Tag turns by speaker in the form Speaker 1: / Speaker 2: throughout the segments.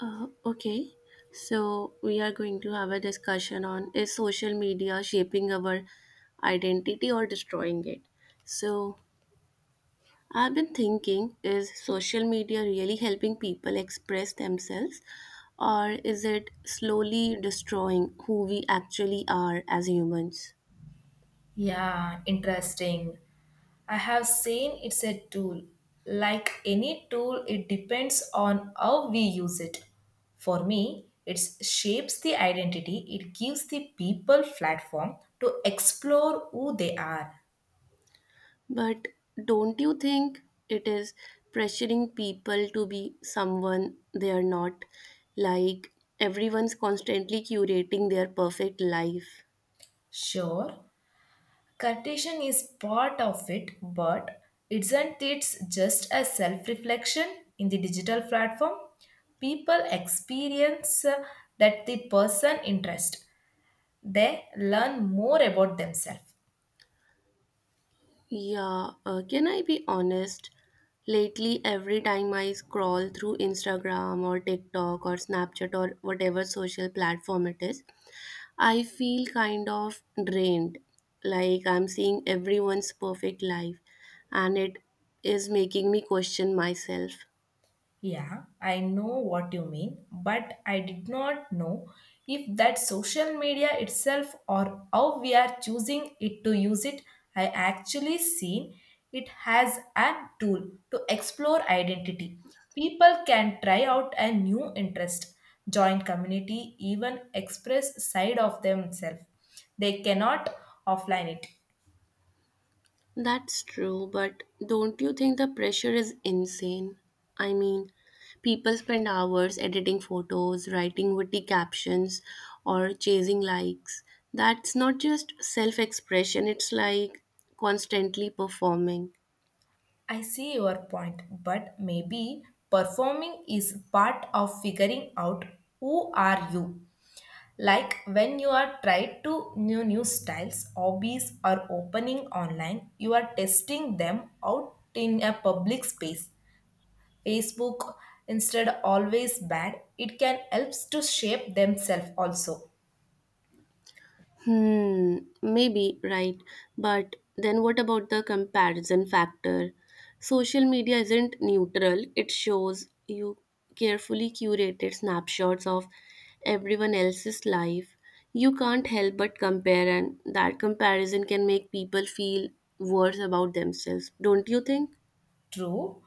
Speaker 1: Okay, so we are going to have a discussion on is social media shaping our identity or destroying it? So, I've been thinking is social media really helping people express themselves or is it slowly destroying who we actually are as humans?
Speaker 2: Yeah, interesting. I have seen it's a tool. Like any tool, it depends on how we use it. For me, it shapes the identity, it gives the people platform to explore who they are.
Speaker 1: But don't you think it is pressuring people to be someone they are not? Like everyone's constantly curating their perfect life.
Speaker 2: Sure, Cartesian is part of it, but isn't it just a self reflection in the digital platform? People experience that the person interest. They learn more about themselves.
Speaker 1: Yeah, can I be honest? Lately, every time I scroll through Instagram or TikTok or Snapchat or whatever social platform it is, I feel kind of drained. Like I'm seeing everyone's perfect life, and it is making me question myself.
Speaker 2: Yeah, I know what you mean, but I did not know if that social media itself or how we are choosing it to use it, I actually seen it has a tool to explore identity. People can try out a new interest, join community, even express side of themselves. They cannot offline it.
Speaker 1: That's true, but don't you think the pressure is insane? I mean, people spend hours editing photos, writing witty captions, or chasing likes. That's not just self expression, it's like constantly performing.
Speaker 2: I see your point, but maybe performing is part of figuring out who are you. Like when you are tried to new styles, hobbies are opening online, you are testing them out in a public space. Facebook instead always bad, it can helps to shape themselves also.
Speaker 1: Hmm, Maybe, right. But then what about the comparison factor? Social media isn't neutral, it shows you carefully curated snapshots of everyone else's life. You can't help but compare, and that comparison can make people feel worse about themselves, don't you think?
Speaker 2: True,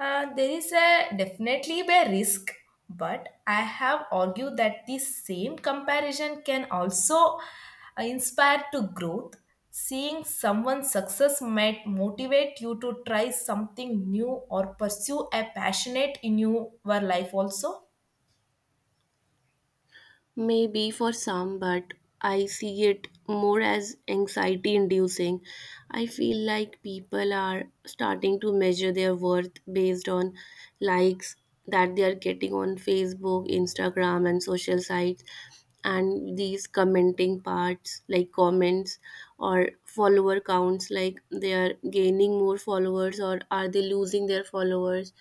Speaker 2: there is a definitely a risk, but I have argued that the same comparison can also inspire to growth. Seeing someone's success might motivate you to try something new or pursue a passionate in your life also.
Speaker 1: Maybe for some, but I see it more as anxiety inducing. I feel like people are starting to measure their worth based on likes that they are getting on Facebook, Instagram, and social sites and these commenting parts like comments or follower counts like they are gaining more followers or are they losing their followers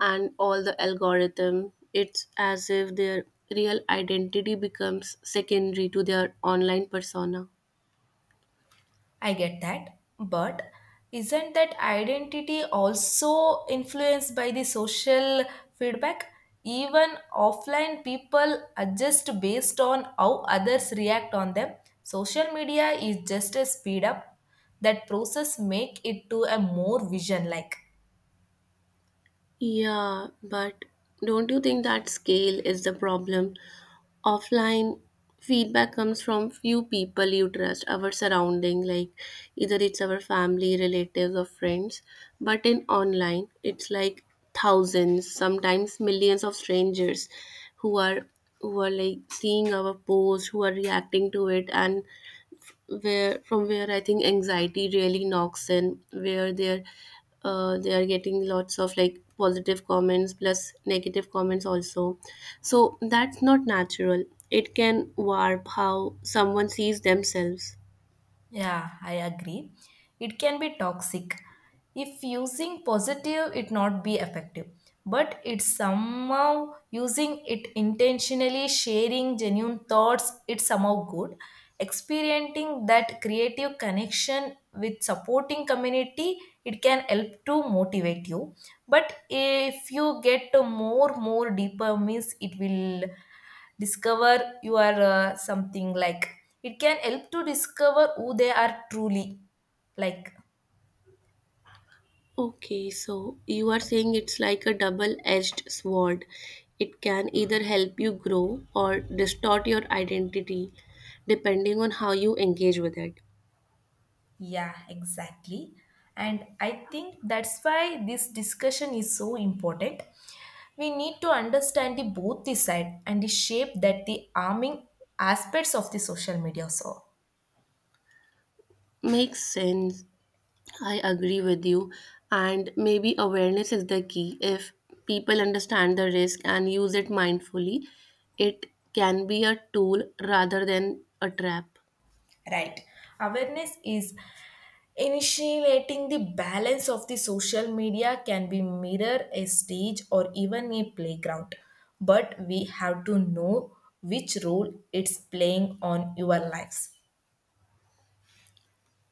Speaker 1: and all the algorithm it's as if their real identity becomes secondary to their online persona.
Speaker 2: I get that. But isn't that identity also influenced by the social feedback? Even offline people adjust based on how others react on them. Social media is just a speed up that process make it to a more vision like.
Speaker 1: Yeah, but don't you think that scale is the problem? Offline feedback comes from few people you trust, our surrounding, like either it's our family, relatives, or friends. But in online, it's like thousands, sometimes millions of strangers who are who are like seeing our post, who are reacting to it and where from where I think anxiety really knocks in, where they're they are getting lots of like positive comments plus negative comments also. So that's not natural. It can warp how someone sees themselves.
Speaker 2: Yeah, I agree. It can be toxic. If using positive, it not be effective. But it's somehow using it intentionally, sharing genuine thoughts, it's somehow good. Experiencing that creative connection with supporting community, it can help to motivate you. But if you get to more, more deeper means, it will discover you are something like it can help to discover who they are truly like.
Speaker 1: Okay, so you are saying it's like a double-edged sword. It can either help you grow or distort your identity depending on how you engage with it.
Speaker 2: Yeah, exactly, and I think that's why this discussion is so important. We need to understand the both the side and the shape that the arming aspects of the social media saw.
Speaker 1: Makes sense. I agree with you. And maybe awareness is the key. If people understand the risk and use it mindfully, it can be a tool rather than a trap.
Speaker 2: Right. Awareness is initiating the balance of the social media can be mirror a stage or even a playground, but we have to know which role it's playing on your lives.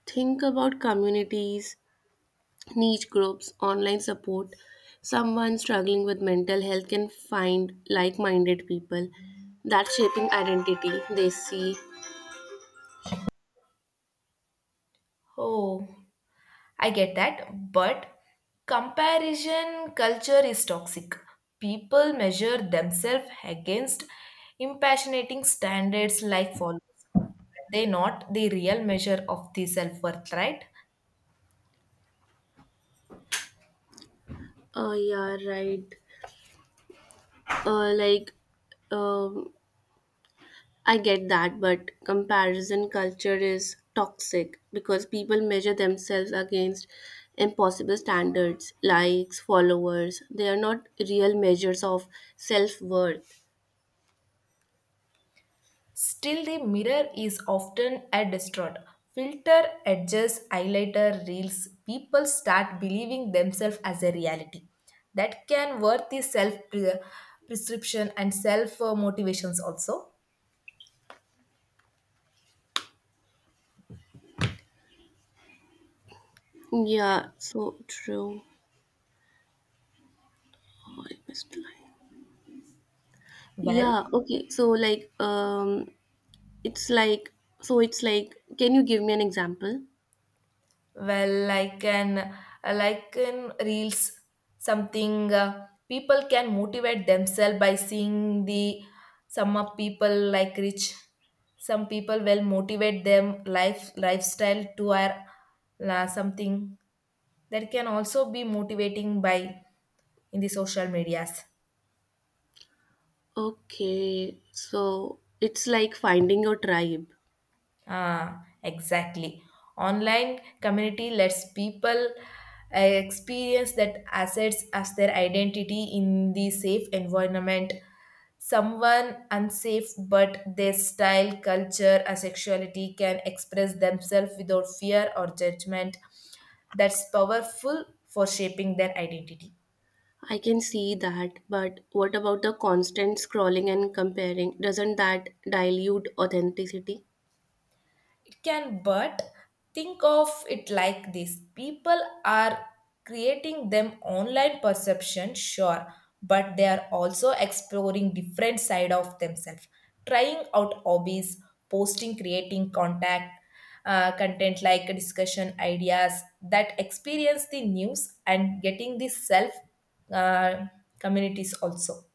Speaker 1: Think about communities, niche groups, online support. Someone struggling with mental health can find like minded people that shaping identity they see.
Speaker 2: Oh, I get that, but comparison culture is toxic. People measure themselves against impassionating standards like followers. They not the real measure of the self worth, right?
Speaker 1: Oh, yeah, right. Uh, like, um, I get that, but comparison culture is toxic because people measure themselves against impossible standards, likes, followers. They are not real measures of self worth.
Speaker 2: Still, the mirror is often a distraught. Filter, edges, highlighter, reels, people start believing themselves as a reality. That can worth the self prescription and self motivations also.
Speaker 1: Yeah, so true. Oh, I missed the line.
Speaker 2: Well,
Speaker 1: Yeah, okay. So it's like it's like can you give me an example?
Speaker 2: Well, like an like in reels, something people can motivate themselves by seeing the some of people like rich. Some people will motivate them life lifestyle to our la something that can also be motivating by in the social medias.
Speaker 1: Okay. So it's like finding your tribe.
Speaker 2: Ah, exactly. Online community lets people experience that assets as their identity in the safe environment. Someone unsafe, but their style, culture, or sexuality can express themselves without fear or judgment. That's powerful for shaping their identity.
Speaker 1: I can see that, but what about the constant scrolling and comparing? Doesn't that dilute authenticity?
Speaker 2: It can, but think of it like this people are creating them online perception, sure, but they are also exploring different side of themselves, trying out hobbies, posting, creating contact, content like discussion ideas that experience the news and getting the self, uh, communities also.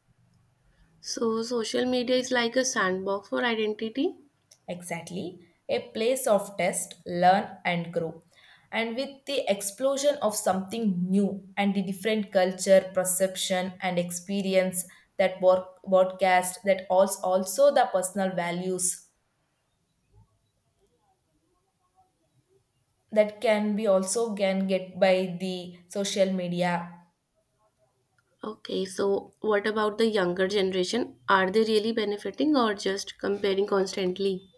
Speaker 1: So, social media is like a sandbox for identity.
Speaker 2: Exactly. A place of test, learn, and grow. And with the explosion of something new and the different culture, perception, and experience that work, broadcast, that also, also the personal values that can be also can get by the social media.
Speaker 1: Okay, so what about the younger generation? Are they really benefiting or just comparing constantly?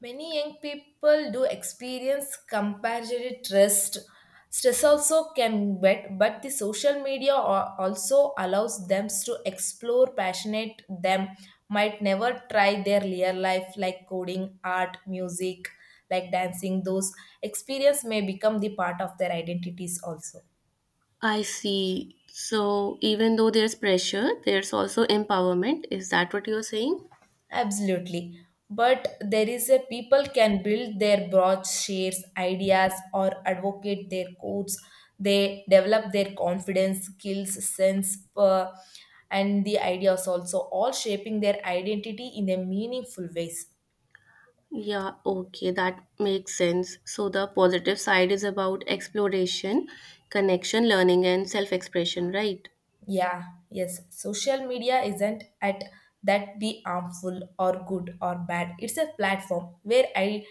Speaker 2: Many young people do experience comparative stress. Stress also can get, but the social media also allows them to explore passionate them might never try their real life like coding, art, music, like dancing. Those experience may become the part of their identities also.
Speaker 1: I see. So, even though there's pressure, there's also empowerment. Is that what you're saying?
Speaker 2: Absolutely. But there is a people can build their broad shares, ideas, or advocate their codes. They develop their confidence, skills, sense, and the ideas also, all shaping their identity in a meaningful ways.
Speaker 1: Yeah, okay, that makes sense. So the positive side is about exploration, connection, learning, and self expression, right?
Speaker 2: Yeah, yes. Social media isn't at that be harmful or good or bad. It's a platform where I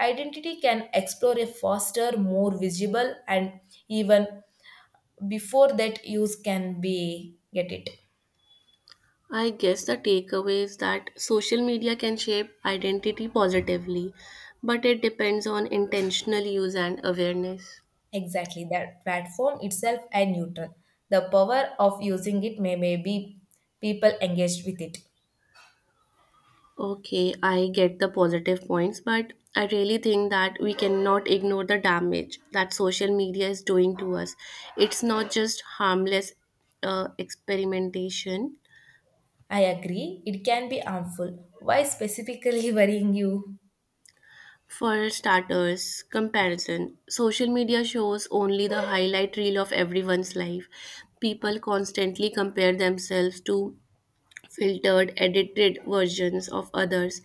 Speaker 2: identity can explore a faster, more visible and even before that use can be get it.
Speaker 1: I guess the takeaway is that social media can shape identity positively, but it depends on intentional use and awareness.
Speaker 2: Exactly that platform itself and neutral the power of using it may be people engaged with it.
Speaker 1: Okay, I get the positive points, but I really think that we cannot ignore the damage that social media is doing to us. It's not just harmless experimentation.
Speaker 2: I agree it can be harmful. Why specifically worrying you?
Speaker 1: For starters, comparison. Social media shows only the highlight reel of everyone's life. People constantly compare themselves to filtered, edited versions of others,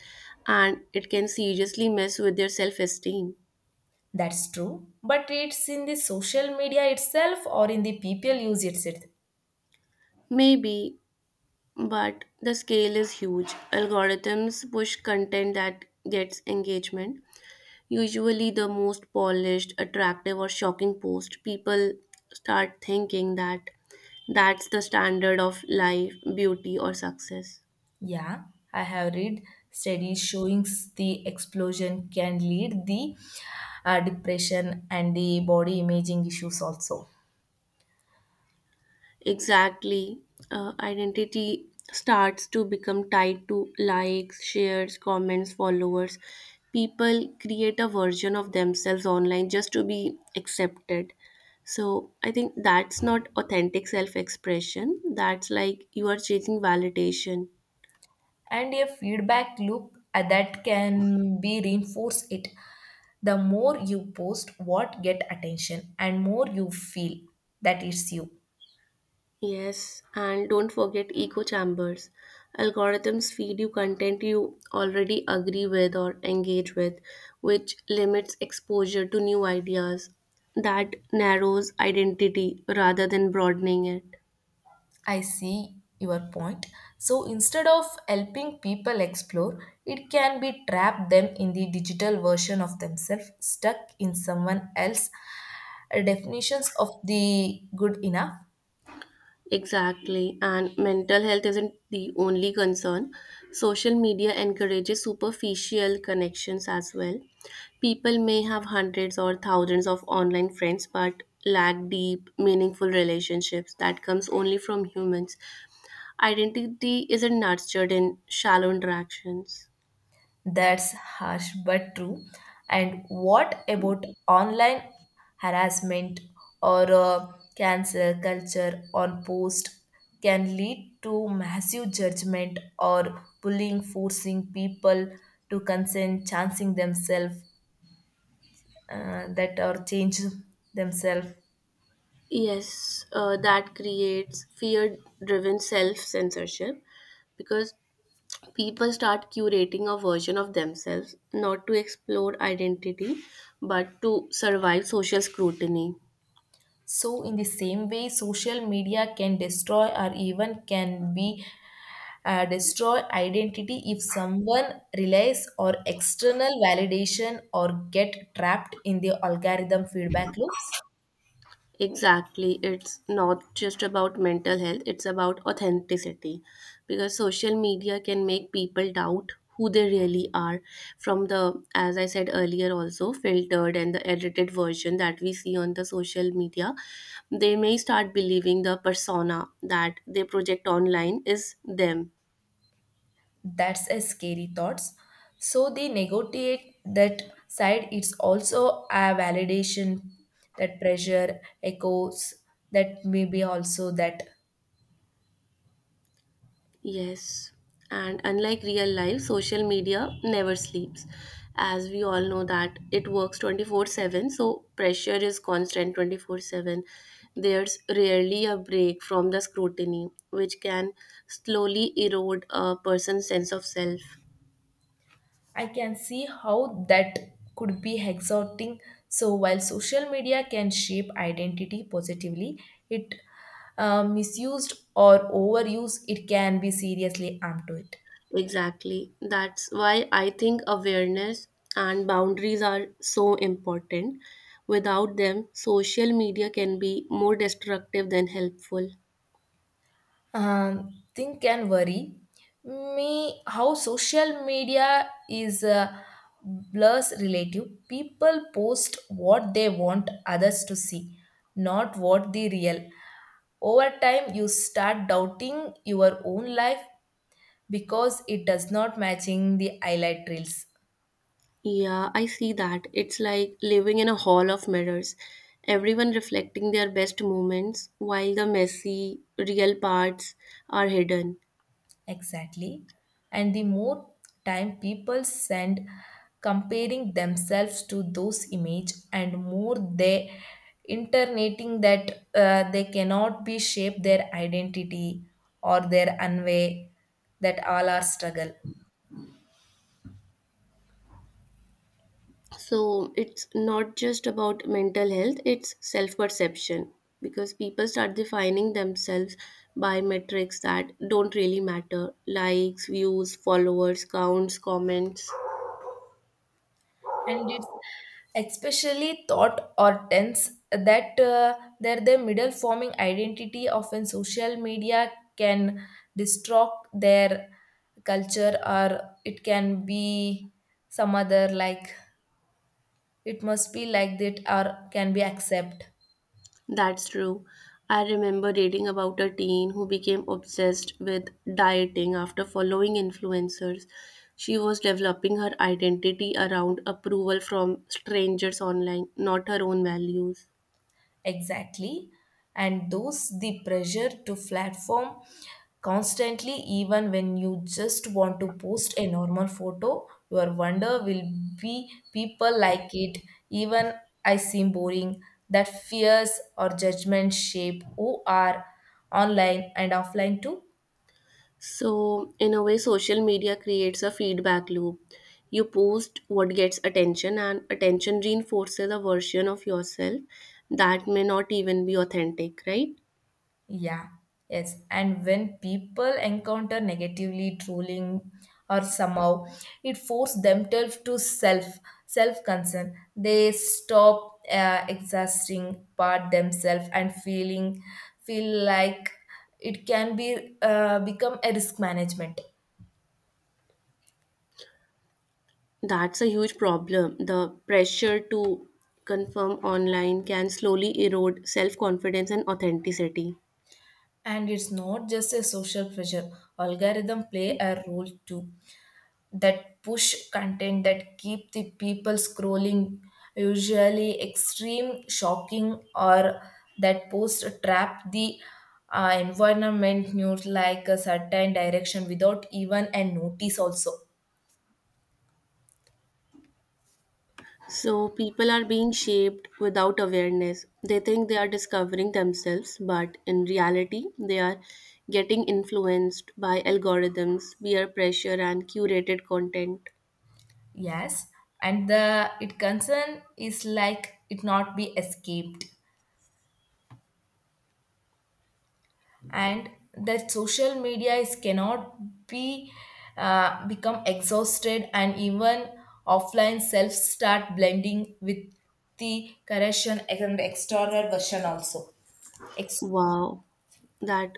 Speaker 1: and it can seriously mess with their self esteem.
Speaker 2: That's true, but it's in the social media itself or in the people use it.
Speaker 1: Maybe, but the scale is huge. Algorithms push content that gets engagement, usually the most polished, attractive, or shocking post, people start thinking that that's the standard of life, beauty, or success.
Speaker 2: Yeah, I have read studies showing the explosion can lead the depression and the body imaging issues also.
Speaker 1: Exactly. Identity starts to become tied to likes, shares, comments, followers. People create a version of themselves online just to be accepted. So I think that's not authentic self expression. That's like you are chasing validation.
Speaker 2: And a feedback loop, that can be reinforce it. The more you post what get attention and more you feel that it's you.
Speaker 1: Yes, and don't forget echo chambers. Algorithms feed you content you already agree with or engage with, which limits exposure to new ideas. That narrows identity rather than broadening it.
Speaker 2: I see your point. So instead of helping people explore, it can be trap them in the digital version of themselves stuck in someone else definitions of the good enough.
Speaker 1: Exactly. And mental health isn't the only concern. Social media encourages superficial connections as well. People may have hundreds or thousands of online friends, but lack deep, meaningful relationships that comes only from humans. Identity isn't nurtured in shallow interactions.
Speaker 2: That's harsh but true. And what about online harassment or cancel culture on post can lead to massive judgment or bullying, forcing people to consent, chancing themselves that or change themselves.
Speaker 1: Yes, that creates fear driven self censorship because people start curating a version of themselves not to explore identity but to survive social scrutiny.
Speaker 2: So, in the same way, social media can destroy or even can be destroy identity if someone relies on external validation or get trapped in the algorithm feedback loops.
Speaker 1: Exactly, it's not just about mental health, it's about authenticity because social media can make people doubt who they really are. From the, as I said earlier, also filtered and the edited version that we see on the social media, they may start believing the persona that they project online is them.
Speaker 2: That's a scary thoughts. So the negotiate that side it's also a validation that pressure echoes that maybe also that.
Speaker 1: Yes, and unlike real life, social media never sleeps. As we all know that it works 24/7, so pressure is constant 24/7. There's rarely a break from the scrutiny, which can slowly erode a person's sense of self.
Speaker 2: I can see how that could be exhausting. So, while social media can shape identity positively, it misused or overused, it can be seriously harm to it.
Speaker 1: Exactly. That's why I think awareness and boundaries are so important. Without them, social media can be more destructive than helpful.
Speaker 2: Think and worry me how social media is a blurs relative. People post what they want others to see, not what the real over time you start doubting your own life because it does not matching the highlight reels.
Speaker 1: Yeah, I see that. It's like living in a hall of mirrors, everyone reflecting their best moments while the messy, real parts are hidden.
Speaker 2: Exactly, and the more time people spend comparing themselves to those image and more they internating that they cannot be shape their identity or their unway that all are struggle.
Speaker 1: So it's not just about mental health, it's self perception because people start defining themselves by metrics that don't really matter likes, views, followers, counts, comments.
Speaker 2: And it's especially thought or tense that they're the middle forming identity often social media can distort their culture or it can be some other like it must be like that or can be accept.
Speaker 1: That's true. I remember reading about a teen who became obsessed with dieting after following influencers. She was developing her identity around approval from strangers online, not her own values.
Speaker 2: Exactly. And those the pressure to platform constantly, even when you just want to post a normal photo, your wonder will be people like it, even I seem boring. That fears or judgment shape who are online and offline too.
Speaker 1: So, in a way, social media creates a feedback loop. You post what gets attention, and attention reinforces a version of yourself that may not even be authentic, right?
Speaker 2: Yeah, yes. And when people encounter negatively trolling or somehow it forces themselves to self concern. They stop exhausting part themselves and feel like it can be become a risk management.
Speaker 1: That's a huge problem. The pressure to confirm online can slowly erode self confidence and authenticity.
Speaker 2: And it's not just a social pressure. Algorithm play a role too. That push content that keep the people scrolling usually extreme shocking or that post trap the environment news like a certain direction without even a notice also.
Speaker 1: So, people are being shaped without awareness. They think they are discovering themselves, but in reality, they are getting influenced by algorithms, peer pressure, and curated content.
Speaker 2: Yes, and the it concern is like it not be escaped, and that social media is cannot be become exhausted and even offline self start blending with the correction and external version also. Ex-
Speaker 1: Wow, that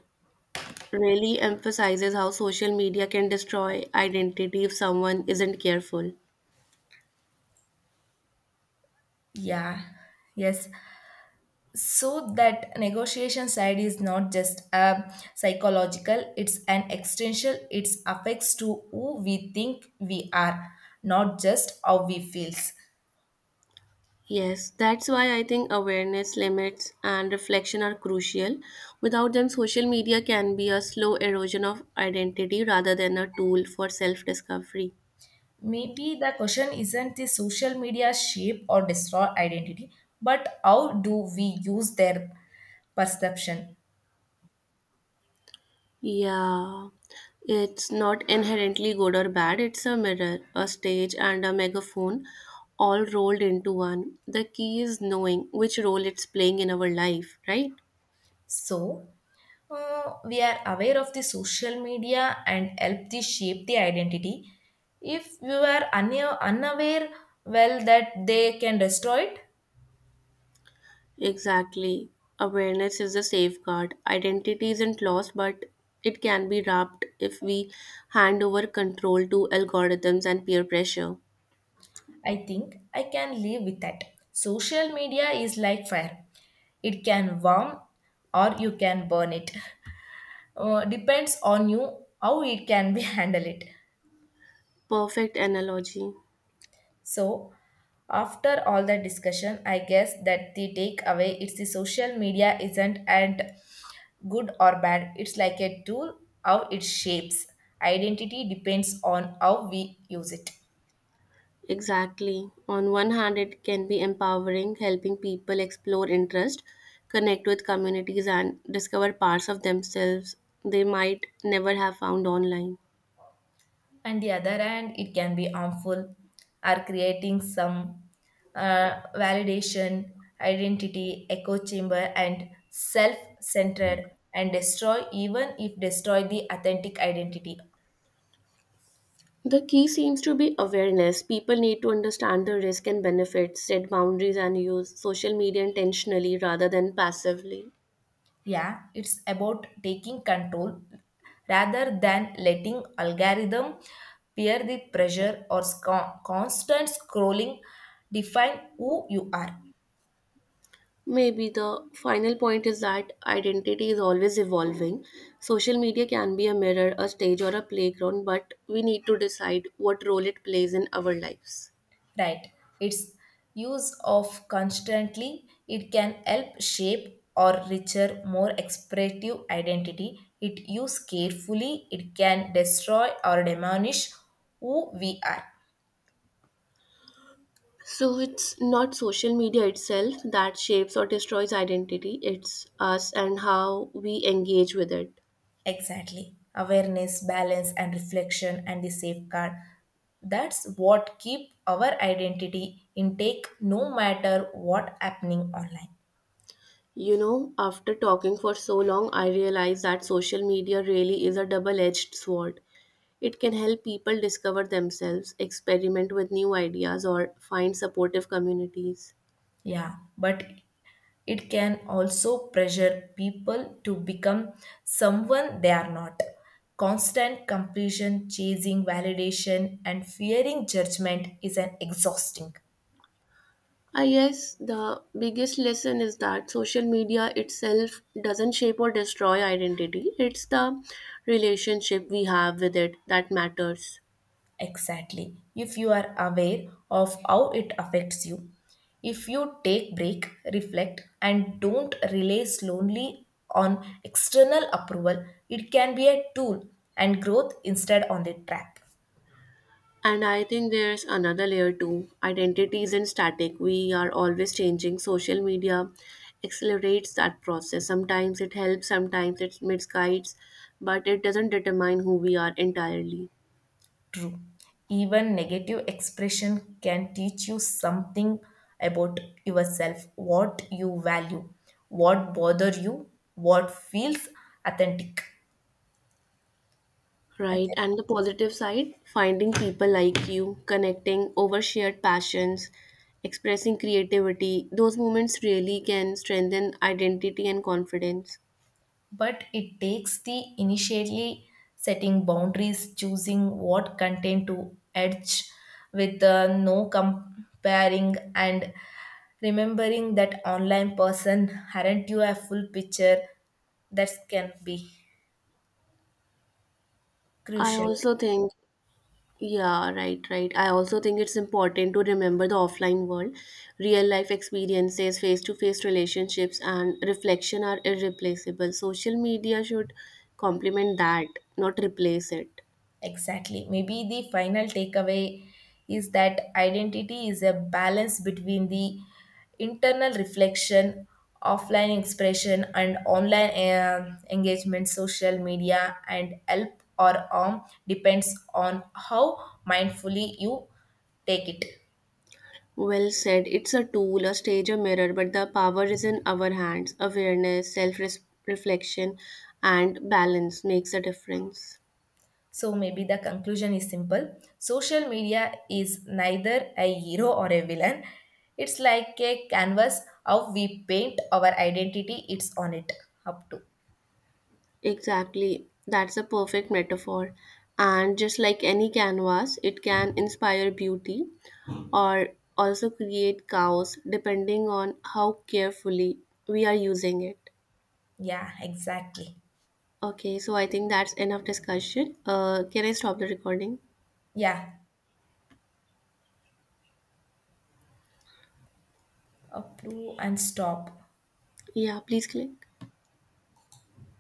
Speaker 1: really emphasizes how social media can destroy identity if someone isn't careful.
Speaker 2: yeah, yes, so that negotiation side is not just a psychological, it's an existential. It affects to who we think we are, not just how we feels.
Speaker 1: Yes, that's why I think awareness, limits, and reflection are crucial. Without them, social media can be a slow erosion of identity rather than a tool for self discovery.
Speaker 2: Maybe the question isn't the social media shape or destroy identity, but how do we use their perception?
Speaker 1: Yeah, it's not inherently good or bad, it's a mirror, a stage, and a megaphone all rolled into one. The key is knowing which role it's playing in our life, right?
Speaker 2: So, we are aware of the social media and help the shape the identity. If you are unaware, well, that they can destroy it.
Speaker 1: Exactly. Awareness is a safeguard. Identity isn't lost, but it can be wrapped if we hand over control to algorithms and peer pressure.
Speaker 2: I think I can live with that. Social media is like fire, it can warm or you can burn it. Depends on you how it can be handle it.
Speaker 1: Perfect analogy.
Speaker 2: So after all the discussion, I guess that the takeaway it's the social media isn't and good or bad, it's like a tool. How it shapes identity depends on how we use it.
Speaker 1: Exactly. On one hand, it can be empowering, helping people explore interest, connect with communities, and discover parts of themselves they might never have found online.
Speaker 2: And the other hand it can be harmful, are creating some validation identity echo chamber and self-centered and destroy even if destroy the authentic identity.
Speaker 1: The key seems to be awareness. People need to understand the risk and benefits, set boundaries, and use social media intentionally rather than passively.
Speaker 2: Yeah, it's about taking control rather than letting algorithm peer the pressure or constant scrolling define who you are.
Speaker 1: Maybe the final point is that identity is always evolving. Social media can be a mirror, a stage, or a playground, but we need to decide what role it plays in our lives.
Speaker 2: Right. Its use of constantly it can help shape or richer, more expressive identity. It used carefully, it can destroy or diminish who we are.
Speaker 1: So it's not social media itself that shapes or destroys identity, it's us and how we engage with it.
Speaker 2: Exactly. Awareness, balance, and reflection, and the safeguard. That's what keep our identity intake no matter what happening online.
Speaker 1: You know, after talking for so long, I realize that social media really is a double edged sword. It can help people discover themselves, experiment with new ideas, or find supportive communities.
Speaker 2: Yeah, but it can also pressure people to become someone they are not. Constant completion, chasing validation, and fearing judgment is an exhausting.
Speaker 1: I guess the biggest lesson is that social media itself doesn't shape or destroy identity, it's the relationship we have with it that matters.
Speaker 2: Exactly. If you are aware of how it affects you, if you take break, reflect, and don't rely solely on external approval, it can be a tool and growth instead on the trap.
Speaker 1: And I think there's another layer too. Identity isn't static. We are always changing. Social media accelerates that process. Sometimes it helps, sometimes it misguides, but it doesn't determine who we are entirely.
Speaker 2: True. Even negative expression can teach you something about yourself, what you value, what bother you, what feels authentic.
Speaker 1: Right.
Speaker 2: Okay.
Speaker 1: And the positive side, finding people like you, connecting over shared passions, expressing creativity, those moments really can strengthen identity and confidence.
Speaker 2: But it takes the initially setting boundaries, choosing what content to edge with no comparing and remembering that online person aren't you a full picture that can be
Speaker 1: I
Speaker 2: crucial.
Speaker 1: also think Yeah, right. I also think it's important to remember the offline world. Real life experiences, face to face relationships, and reflection are irreplaceable. Social media should complement that, not replace it.
Speaker 2: Exactly. Maybe the final takeaway is that identity is a balance between the internal reflection, offline expression, and online engagement, social media, and help or harm depends on how mindfully you take it.
Speaker 1: Well said. It's a tool, a stage, a mirror, but the power is in our hands. Awareness, self reflection, and balance makes a difference.
Speaker 2: So maybe the conclusion is simple. Social media is neither a hero or a villain. It's like a canvas how we paint our identity. It's on it up to.
Speaker 1: Exactly. That's a perfect metaphor. And just like any canvas, it can inspire beauty or also create chaos depending on how carefully we are using it.
Speaker 2: Yeah, exactly.
Speaker 1: Okay, so I think that's enough discussion. Can I stop the recording?
Speaker 2: Yeah, up to and stop.
Speaker 1: Yeah, please click.